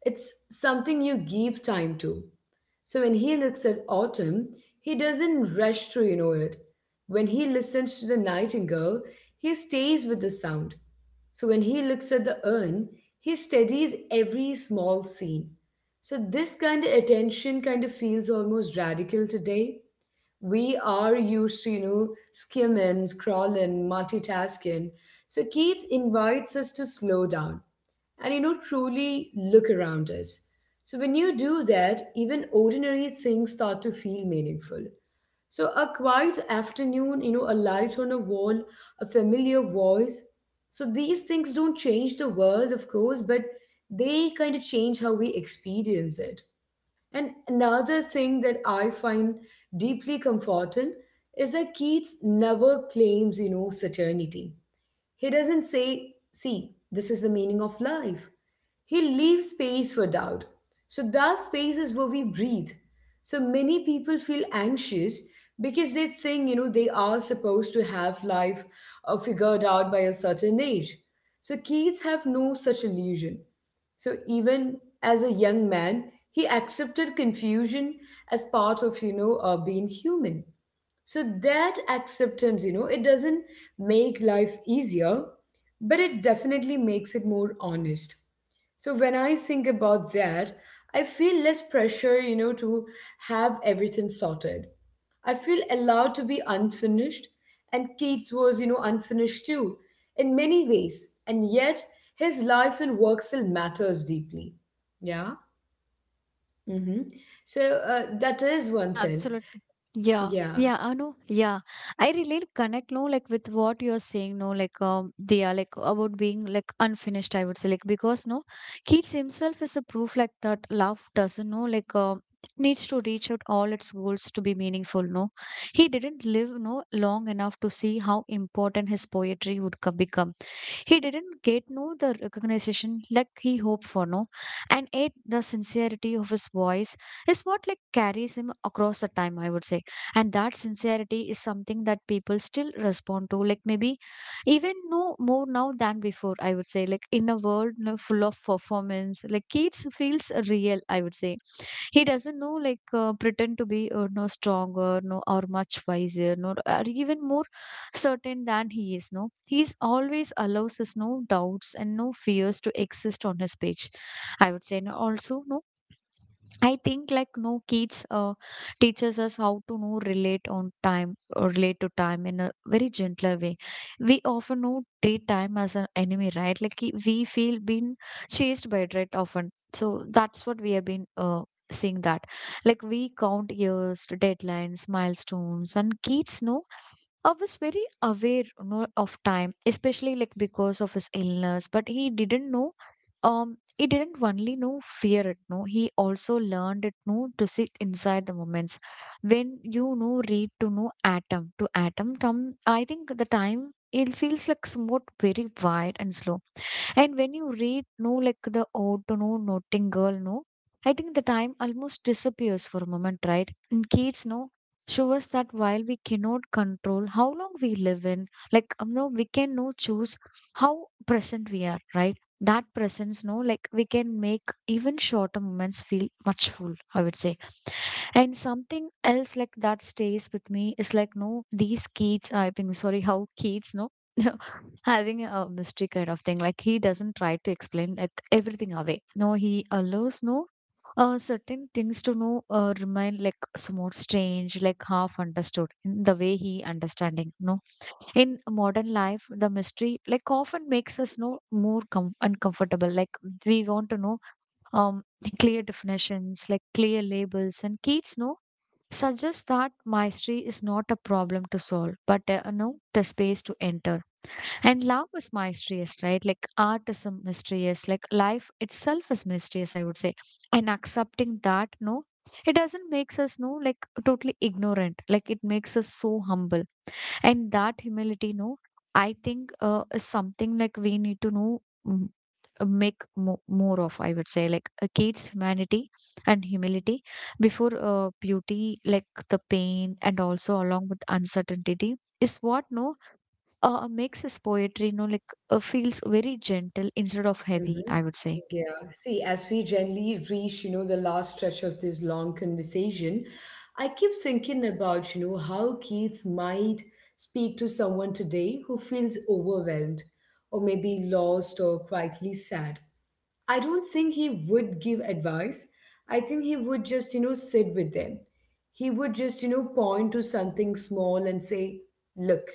[SPEAKER 1] it's something you give time to. So when he looks at autumn, he doesn't rush to ignore it. When he listens to the nightingale, he stays with the sound. So when he looks at the urn, he studies every small scene. So this kind of attention kind of feels almost radical today. We are used to you know skimming, scrolling, multitasking. So Keats invites us to slow down and you know truly look around us. So when you do that, even ordinary things start to feel meaningful. So a quiet afternoon, you know a light on a wall, a familiar voice. So these things don't change the world, of course, but they kind of change how we experience it. And another thing that I find deeply comforting is that Keats never claims, you know, certainty. He doesn't say, see, this is the meaning of life. He leaves space for doubt. So, that space is where we breathe. So, many people feel anxious because they think, you know, they are supposed to have life uh, figured out by a certain age. So, kids have no such illusion. So, even as a young man, he accepted confusion as part of, you know, uh, being human. So that acceptance, you know, it doesn't make life easier, but it definitely makes it more honest. So when I think about that, I feel less pressure, you know, to have everything sorted. I feel allowed to be unfinished, and Keats was, you know, unfinished too, in many ways, and yet his life and work still matters deeply. Yeah. Mm-hmm. So uh, that is one
[SPEAKER 2] Yeah,
[SPEAKER 1] thing.
[SPEAKER 2] absolutely. Yeah,
[SPEAKER 1] Yeah.
[SPEAKER 2] yeah, I know. Yeah, I really connect, no, like with what you're saying, no, like, um, they are like about being like unfinished, I would say, like because no, Keats himself is a proof like that love doesn't know, like, um, needs to reach out all its goals to be meaningful. No, he didn't live no long enough to see how important his poetry would co- become. He didn't get no the recognition like he hoped for. No, and ate the sincerity of his voice is what like carries him across the time, I would say. And that sincerity is something that people still respond to, like maybe even no more now than before, I would say. Like in a world, you know, full of performance, like Keats feels real, I would say. He doesn't know like uh, pretend to be uh, no stronger, no, or much wiser, no, or even more certain than he is. No, he's always allows his no doubts and no fears to exist on his page, I would say. And also, no, I think like no kids uh, teaches us how to know relate on time, or relate to time in a very gentler way. We often know treat time as an enemy, right? Like I- we feel being chased by it, right? Often, so that's what we have been uh, seeing that. Like we count years, deadlines, milestones, and kids know I was very aware, you know, of time, especially like because of his illness, but he didn't know. Um, he didn't only know fear it, no, he also learned it, no, to sit inside the moments when, you know, read to know atom to atom tom. I think the time, it feels like somewhat very wide and slow. And when you read, no, like the Ode to No Notting Girl, no, I think the time almost disappears for a moment, right? And Keats, no, show us that while we cannot control how long we live in, like, um, no, we can no choose how present we are, right? That presence, no, like we can make even shorter moments feel much full, I would say. And something else like that stays with me is like, no, these kids, I think, sorry, how kids, no. having a mystery kind of thing, like he doesn't try to explain like everything away. No, he allows no uh, certain things to know uh, remain like somewhat strange, like half understood in the way he understanding. No, in modern life the mystery like often makes us know more com- uncomfortable. Like we want to know um clear definitions, like clear labels, and kids know suggests that mystery is not a problem to solve but uh, no the space to enter. And love is mysterious, right? Like art is a mysterious, like life itself is mysterious, I would say. And accepting that, no, it doesn't makes us no like totally ignorant. Like it makes us so humble. And that humility, no, I think uh, is something like we need to know mm, uh, make mo- more of, I would say. Like uh, kids humanity and humility before uh, beauty, like the pain and also along with uncertainty is what no uh, makes his poetry, you know, like uh, feels very gentle instead of heavy,
[SPEAKER 1] Mhm.
[SPEAKER 2] I would say.
[SPEAKER 1] Yeah. See, as we generally reach, you know, the last stretch of this long conversation, I keep thinking about, you know, how kids might speak to someone today who feels overwhelmed or maybe lost or quietly sad. I don't think he would give advice. I think he would just, you know, sit with them. He would just, you know, point to something small and say, look.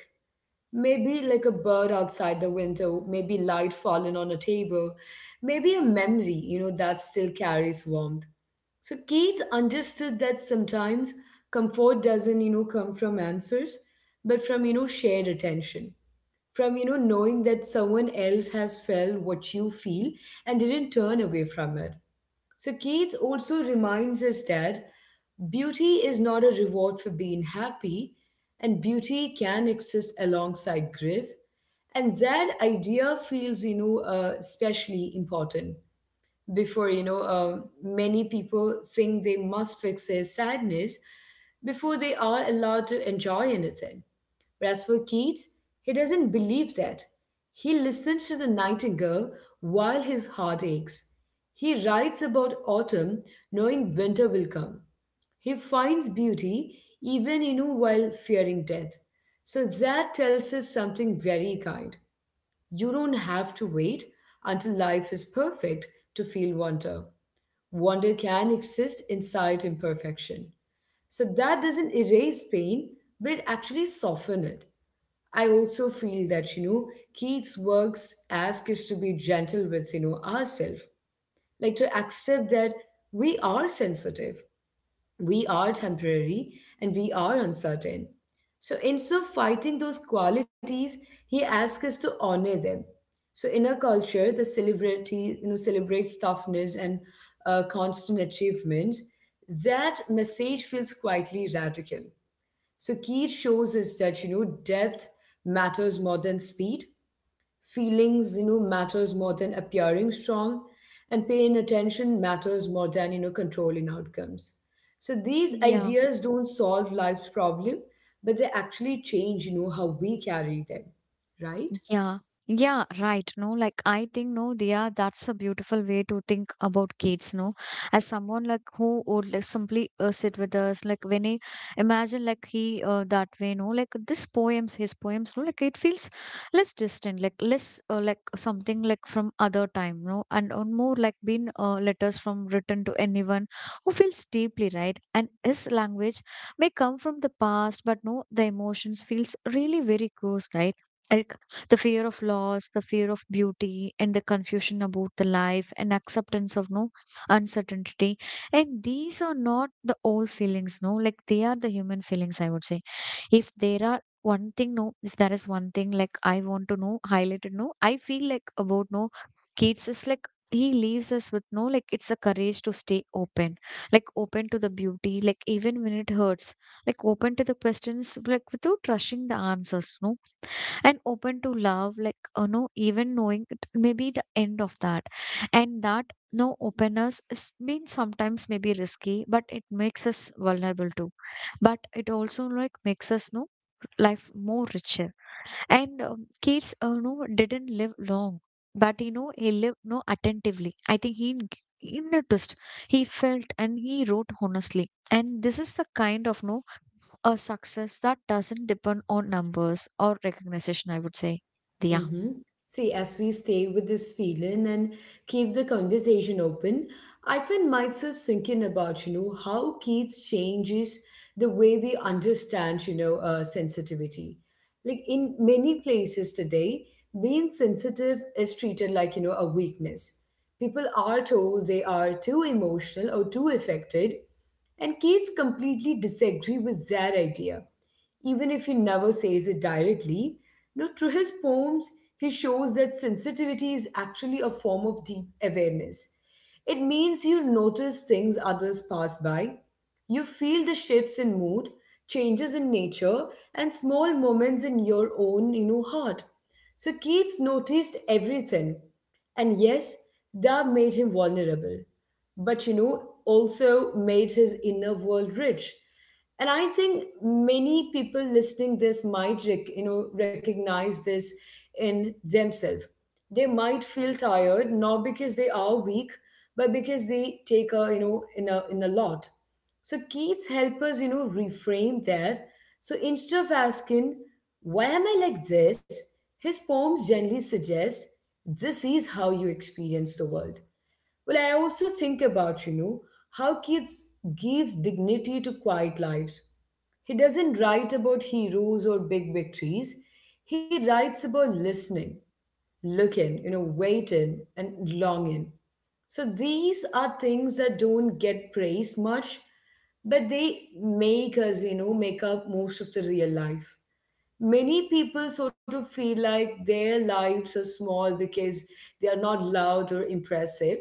[SPEAKER 1] Maybe like a bird outside the window, maybe light fallen on a table, maybe a memory, you know, that still carries warmth. So Keats understood that sometimes comfort doesn't, you know, come from answers, but from, you know, shared attention. From, you know, knowing that someone else has felt what you feel and didn't turn away from it. So Keats also reminds us that beauty is not a reward for being happy, and beauty can exist alongside grief. And that idea feels, you know, uh, especially important before you know um, many people think they must fix their sadness before they are allowed to enjoy anything, whereas for Keats, he doesn't believe that. He listens to the nightingale while his heart aches. He writes about autumn, knowing winter will come. He finds beauty even you know while fearing death. So that tells us something very kind. You don't have to wait until life is perfect to feel wonder. Wonder can exist inside imperfection. So that doesn't erase pain, but it actually softens it. I also feel that, you know, Keats' works ask us to be gentle with, you know, ourselves, like to accept that we are sensitive, we are temporary, and we are uncertain. So instead of fighting those qualities, he asks us to honor them. So in a culture that celebrity, you know, celebrates toughness and uh, constant achievement, that message feels quietly radical. So Keith shows us that you know depth matters more than speed, feelings you know matters more than appearing strong, and paying attention matters more than you know controlling outcomes. So these
[SPEAKER 2] Yeah.
[SPEAKER 1] ideas don't solve life's problem, but they actually change you know how we carry them, right?
[SPEAKER 2] Yeah, yeah, right. No, like I think, no, yeah, that's a beautiful way to think about kids. No, as someone like who would like simply uh, sit with us, like when he imagine like he uh, that way. No, like this poems, his poems. No, like it feels less distant, like less uh, like something like from other time. No, and uh, more like been uh, letters from written to anyone who feels deeply, right? And his language may come from the past, but no, the emotions feels really very close, right? The fear of loss, the fear of beauty, and the confusion about the life and acceptance of no uncertainty. And these are not the old feelings, no, like they are the human feelings, I would say. If there are one thing, no, if there is one thing like I want to know, highlighted, no, I feel like about no kids is like he leaves us with, no, like it's a courage to stay open, like open to the beauty, like even when it hurts, like open to the questions like without rushing the answers, no, and open to love, like, you know, even knowing it may be the end of that. And that no openness is means sometimes maybe risky but it makes us vulnerable too, but it also like makes us know life more richer. And um, kids uh, no didn't live long, but, you know, he lived no attentively. I think he n- he noticed, he felt, and he wrote honestly, and this is the kind of no a success that doesn't depend on numbers or recognition, I would say. Diya.
[SPEAKER 1] Mm-hmm. See, as we stay with this feeling and keep the conversation open, I find myself thinking about, you know, how kids changes the way we understand, you know, uh, sensitivity. Like in many places today, being sensitive is treated like, you know, a weakness. People are told they are too emotional or too affected, and kids completely disagree with that idea even if he never says it directly. You know, through his poems, he shows that sensitivity is actually a form of deep awareness. It means you notice things others pass by, you feel the shifts in mood, changes in nature, and small moments in your own, you know, heart. So Keats noticed everything. And yes, that made him vulnerable. But you know, also made his inner world rich. And I think many people listening this might rec- you know recognize this in themselves. They might feel tired not because they are weak, but because they take a you know in a in a lot. So Keats help us you know reframe that. So instead of asking why am I like this, his poems generally suggest this is how you experience the world. Well, I also think about you know how Keats gives dignity to quiet lives. He doesn't write about heroes or big victories. He writes about listening, looking, you know, waiting, and longing. So these are things that don't get praised much, but they make us, you know, make up most of the real life. Many people sort of feel like their lives are small because they are not loud or impressive,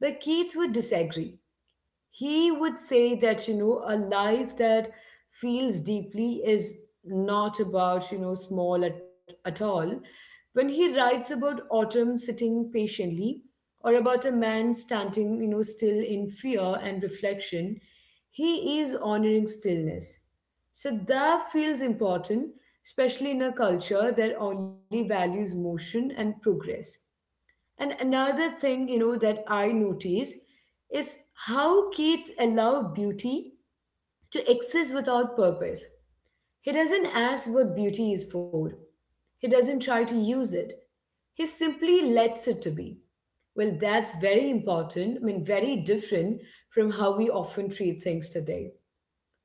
[SPEAKER 1] but Keats would disagree. He would say that you know a life that feels deeply is not about you know small at, at all. When he writes about autumn sitting patiently or about a man standing you know still in fear and reflection, he is honoring stillness. So that feels important, especially in a culture that only values motion and progress. And another thing, you know, that I notice is how Keats allow beauty to exist without purpose. He doesn't ask what beauty is for. He doesn't try to use it. He simply lets it to be. Well, that's very important. I mean, very different from how we often treat things today.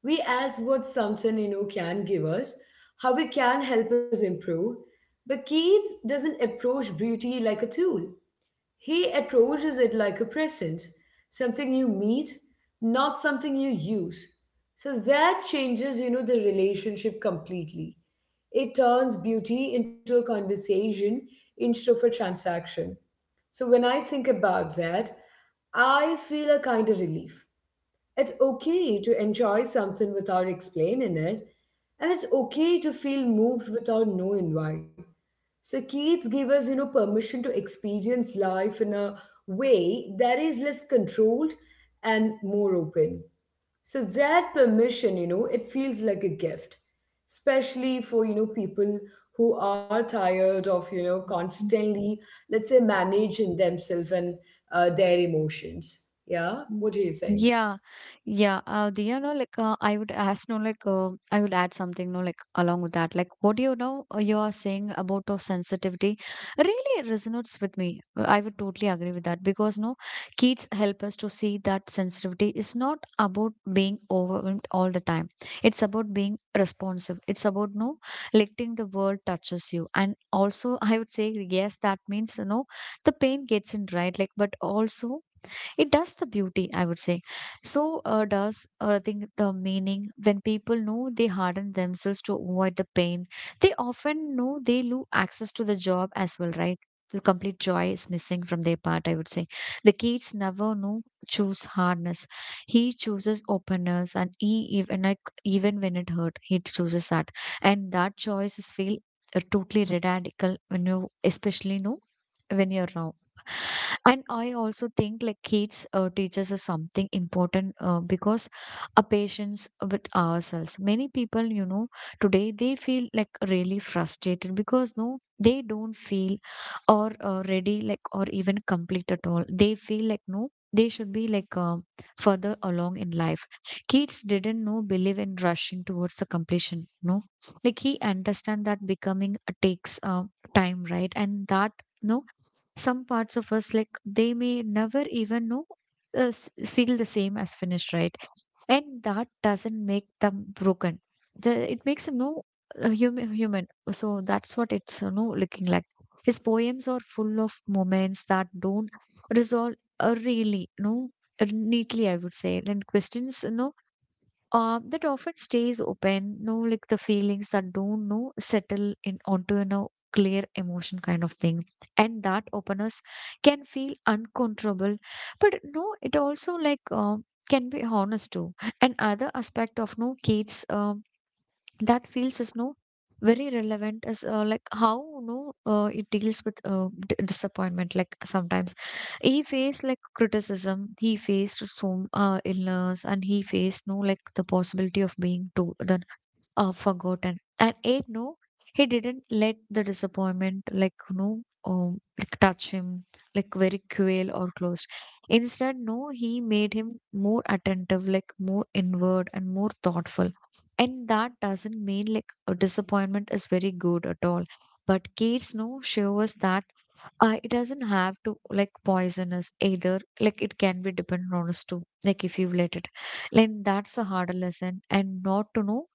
[SPEAKER 1] We ask what something, you know, can give us, how it can help us improve. But Keats doesn't approach beauty like a tool. He approaches it like a presence, something you meet, not something you use. So that changes, you know, the relationship completely. It turns beauty into a conversation instead of a transaction. So when I think about that, I feel a kind of relief. It's okay to enjoy something without explaining it, and it's okay to feel moved without knowing why. So kids give us, you know, permission to experience life in a way that is less controlled and more open. So that permission, you know, it feels like a gift, especially for, you know, people who are tired of, you know, constantly, let's say, managing themselves and uh, their emotions. Yeah,
[SPEAKER 2] Mm.
[SPEAKER 1] what do you think?
[SPEAKER 2] Yeah, yeah. Uh, do you know, like, uh, I would ask, no, like, uh, I would add something, no, like, along with that, like, what do you know uh, you are saying about of sensitivity really resonates with me. Uh, I would totally agree with that because, no, kids help us to see that sensitivity is not about being overwhelmed all the time. It's about being responsive. It's about, no, letting the world touches you. And also, I would say, yes, that means, you know, the pain gets in, right? Like, but also, it does the beauty, I would say. So uh, does uh, I think the meaning, when people know they harden themselves to avoid the pain, they often know they lose access to the job as well, right? The complete joy is missing from their part, I would say. The kids never know choose hardness, he chooses openness, and he even like even when it hurt he chooses that. And that choice is feel uh, totally radical when you especially know when you're wrong. And I also think like kids uh, teaches us something important uh, because a patience with ourselves, many people, you know, today they feel like really frustrated because no they don't feel or uh, ready, like or even complete at all, they feel like no they should be like uh, further along in life. Kids didn't know believe in rushing towards the completion, no, like he understand that becoming uh, takes uh, time, right? And that, no, some parts of us like they may never even know uh, s- feel the same as finished, right? And that doesn't make them broken. The, it makes them know uh, human human, so that's what it's, you know, looking like. His poems are full of moments that don't resolve uh, really, no uh, neatly, I would say, and questions, no uh, that often stays open, no, like the feelings that don't know settle in onto, you know, clear emotion kind of thing. And that openness can feel uncontrollable, but no it also like, um, can be honest too. Another aspect of no kids, um, that feels is no very relevant as uh, like how no uh, it deals with uh, d- disappointment, like sometimes he faced like criticism, he faced some uh, illness, and he faced no like the possibility of being to the uh, forgotten. And eight, no, he didn't let the disappointment, like, no, um, like touch him, like very cruel or closed. Instead, no, he made him more attentive, like more inward and more thoughtful. And that doesn't mean like a disappointment is very good at all. But kids, no, show us that uh, it doesn't have to like poisonous either like it can be dependent on us too like if you let it like that's a harder lesson and not to know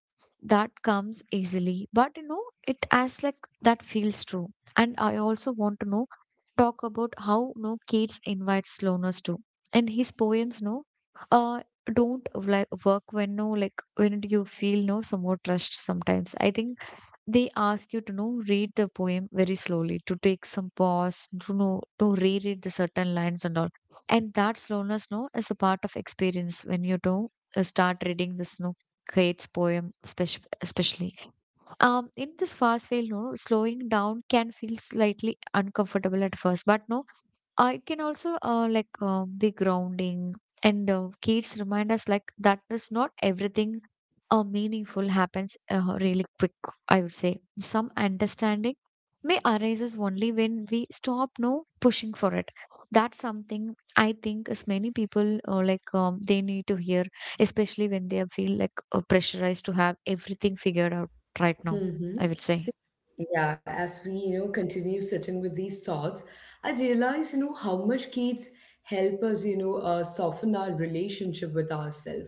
[SPEAKER 2] that comes easily but you know it as like that feels true. And I also want to know talk about how no Keats invites slowness to, and his poems no, uh, don't like work when no like when you feel no somewhat rushed. Sometimes I think they ask you to know read the poem very slowly, to take some pause, to know to reread the certain lines and all. And that slowness no is a part of experience when you do uh, start reading this no Keats poem, spec- especially um in this fast way, no slowing down can feel slightly uncomfortable at first, but no, uh, it can also uh, like uh, be grounding. And uh, kids remind us like that is not everything uh, meaningful happens uh, really quick. I would say some understanding may arises only when we stop no pushing for it. That's something I think as many people uh, like um, they need to hear, especially when they feel like uh, pressurized to have everything figured out right now,
[SPEAKER 1] Mm-hmm.
[SPEAKER 2] I would say.
[SPEAKER 1] See, yeah, as we, you know, continue sitting with these thoughts, I realize, you know, how much kids help us, you know, uh, soften our relationship with ourselves.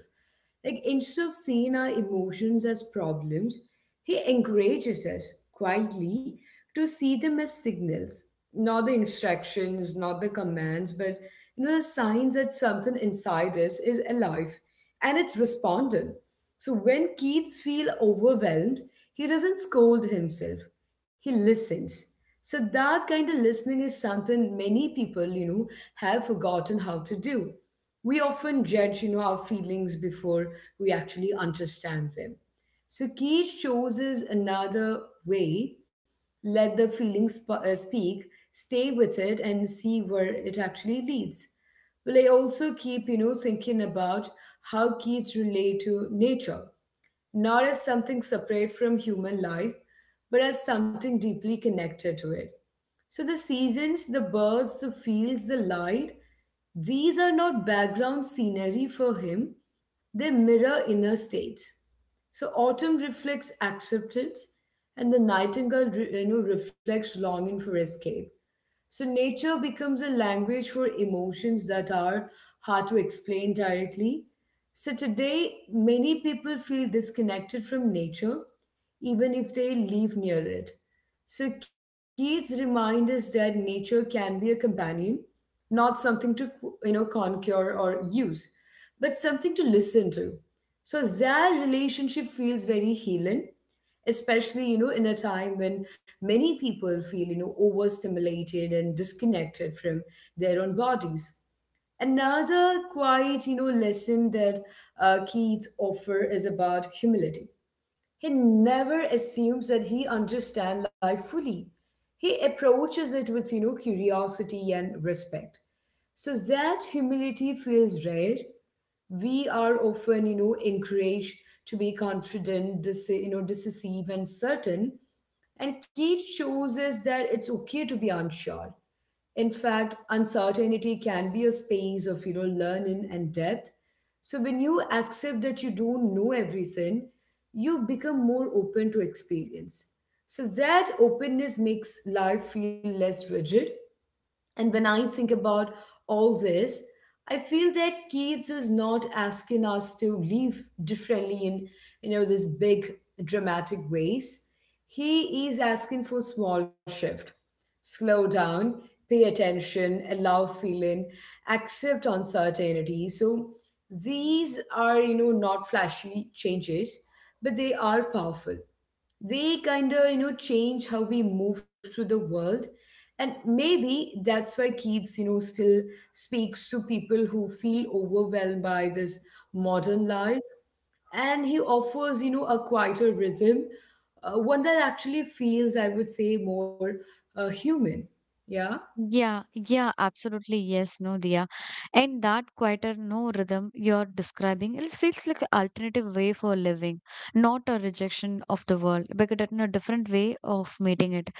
[SPEAKER 1] Like instead of seeing our emotions as problems, he encourages us quietly to see them as signals, not the instructions, not the commands, but you know, the signs that something inside us is alive and it's responding. So when Keats feels overwhelmed, he doesn't scold himself. He listens. So that kind of listening is something many people, you know, have forgotten how to do. We often judge, you know, our feelings before we actually understand them. So Keats shows us another way. Let the feelings sp- uh, speak, stay with it, and see where it actually leads. Well, I also keep, you know, thinking about how kids relate to nature, not as something separate from human life, but as something deeply connected to it. So the seasons, the birds, the fields, the light, these are not background scenery for him, they mirror inner states. So autumn reflects acceptance, and the nightingale, re- you know, reflects longing for escape. So nature becomes a language for emotions that are hard to explain directly. So today, many people feel disconnected from nature, even if they live near it. So Keats remind us that nature can be a companion, not something to you know conquer or use, but something to listen to. So that relationship feels very healing, especially you know in a time when many people feel you know overstimulated and disconnected from their own bodies. Another quiet, you know lesson that uh, Keith offer is about humility. He never assumes that he understands life fully. He approaches it with you know curiosity and respect. So that humility feels rare. We are often you know encouraged to be confident, dis- you know decisive, and certain. And Keith shows us that it's okay to be unsure. In fact, uncertainty can be a space of you know learning and depth. So when you accept that you don't know everything, you become more open to experience. So that openness makes life feel less rigid. And when I think about all this, I feel that Keats is not asking us to live differently in, you know, this big dramatic ways. He is asking for small shift. Slow down, pay attention, allow feeling, accept uncertainty. So these are, you know, not flashy changes, but they are powerful. They kind of you know change how we move through the world. And maybe that's why Keats you know still speaks to people who feel overwhelmed by this modern life. And he offers you know a quieter rhythm, uh, one that actually feels, I would say, more uh, human. Yeah.
[SPEAKER 2] Yeah, yeah, absolutely. Yes, no, Dia. And that quieter no rhythm you're describing, it feels like an alternative way for living, not a rejection of the world, but it a different way of meeting it.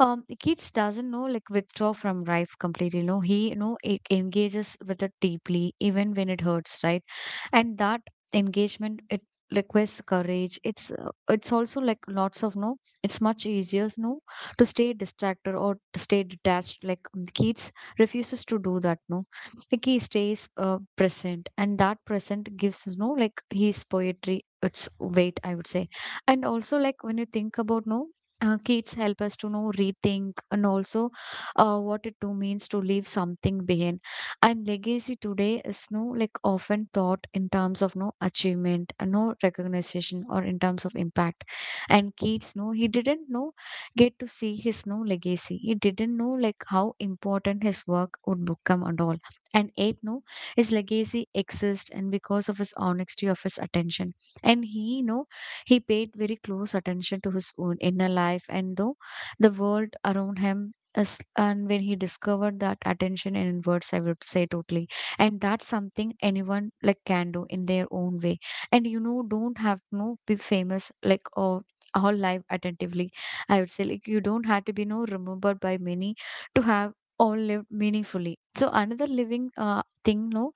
[SPEAKER 2] Um, Keats doesn't know like withdraw from life completely. No, he no it engages with it deeply, even when it hurts, right? And that engagement it requires courage. It's uh, it's also like lots of no it's much easier no to stay distracted or to stay detached, like um, the kids refuses to do that no, like he stays uh, present, and that present gives no like his poetry its weight, I would say. And also like when you think about no uh, kids help us to know rethink and also uh, what it too means to leave something behind. And legacy today is no like often thought in terms of no achievement, and no recognition, or in terms of impact. And kids no, he didn't know get to see his no legacy. He didn't know like how important his work would become and all. And eight no, his legacy exists and because of his honesty of his attention. And he no, he paid very close attention to his own inner life and though the world around him as, and when he discovered that attention in words, I would say totally. And that's something anyone like can do in their own way. And you know, don't have to be famous like or all live attentively. I would say like you don't have to be no remembered by many to have all lived meaningfully. So another living uh, thing, no,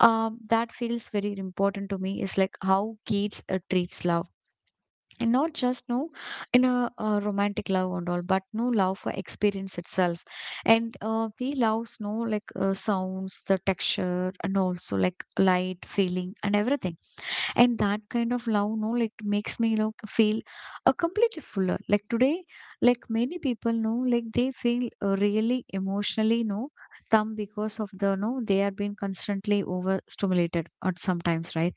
[SPEAKER 2] um, that feels very important to me is like how kids uh, treats love, and not just no in a, uh romantic love and all, but no love for experience itself. And uh, he loves no like uh, sounds, the texture, and also like light, feeling, and everything. And that kind of love no like makes me like feel uh, completely fuller. Like today, like many people know like they feel uh, really emotionally no thumb because of the no they are being constantly overstimulated at sometimes, right?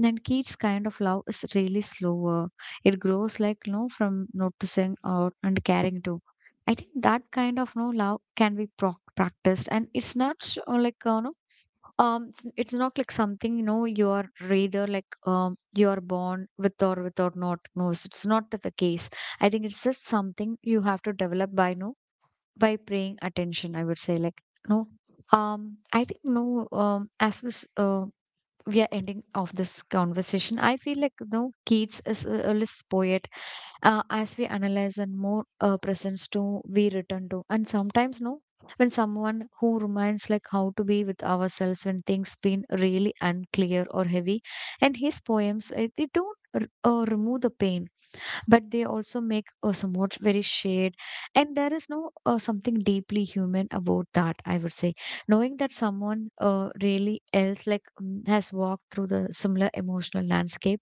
[SPEAKER 2] Then kids kind of love is really slower. It grows like no from noticing or and caring too. I think that kind of no love can be proc practiced, and it's not s- uh, like uh, no um it's, it's not like something, you know, you are rather like um you are born with or without, not knows, it's not the case. I think it's just something you have to develop by no, by paying attention, I would say, like, no, um I think no, um as was uh, we are ending of this conversation. I feel like no, Keats is a, a list poet. Uh, as we analyze and more uh, presence to we return to, and sometimes no, when someone who reminds like how to be with ourselves when things been really unclear or heavy, and his poems uh, they don't r- uh, remove the pain, but they also make uh, somewhat very shade. And there is no uh, something deeply human about that, I would say, knowing that someone uh, really else like mm, has walked through the similar emotional landscape,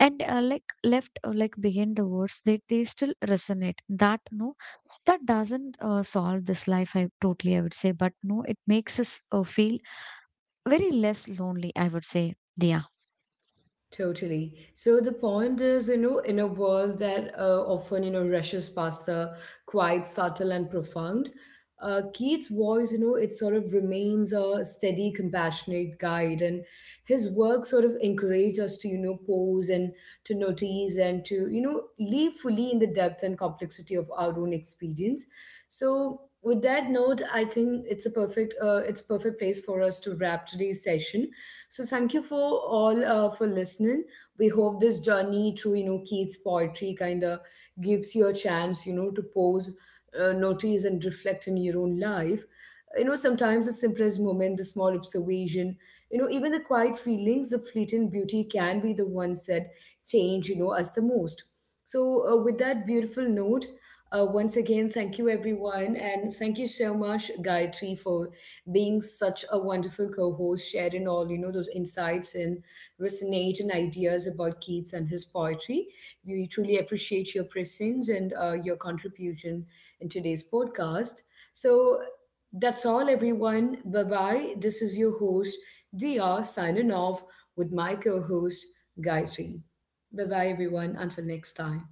[SPEAKER 2] and uh, like left uh, like behind the words, they, they still resonate, that no, that doesn't uh, solve this life, I totally I would say, but no it makes us uh, feel very less lonely, I would say. Yeah.
[SPEAKER 1] Totally. So the point is, you know, in a world that uh, often, you know, rushes past the quite subtle and profound, uh, Keats' voice, you know, it sort of remains a steady, compassionate guide, and his work sort of encourages us to, you know, pause and to notice and to, you know, live fully in the depth and complexity of our own experience. So with that note, I think it's a perfect, uh, it's a perfect place for us to wrap today's session. So thank you for all uh, for listening. We hope this journey through you know Keats' poetry kind of gives you a chance you know to pause, uh, notice, and reflect in your own life. You know, sometimes the simplest moment, the small observation, you know even the quiet feelings, the fleeting beauty can be the ones that change you know us the most. So uh, with that beautiful note, uh, once again, thank you everyone, and thank you so much, Gayatri, for being such a wonderful co-host, sharing all you know those insights and resonating ideas about Keats and his poetry. We truly appreciate your presence and uh, your contribution in today's podcast. So that's all, everyone. Bye bye. This is your host, Dia, signing off with my co-host, Gayatri. Bye bye, everyone. Until next time.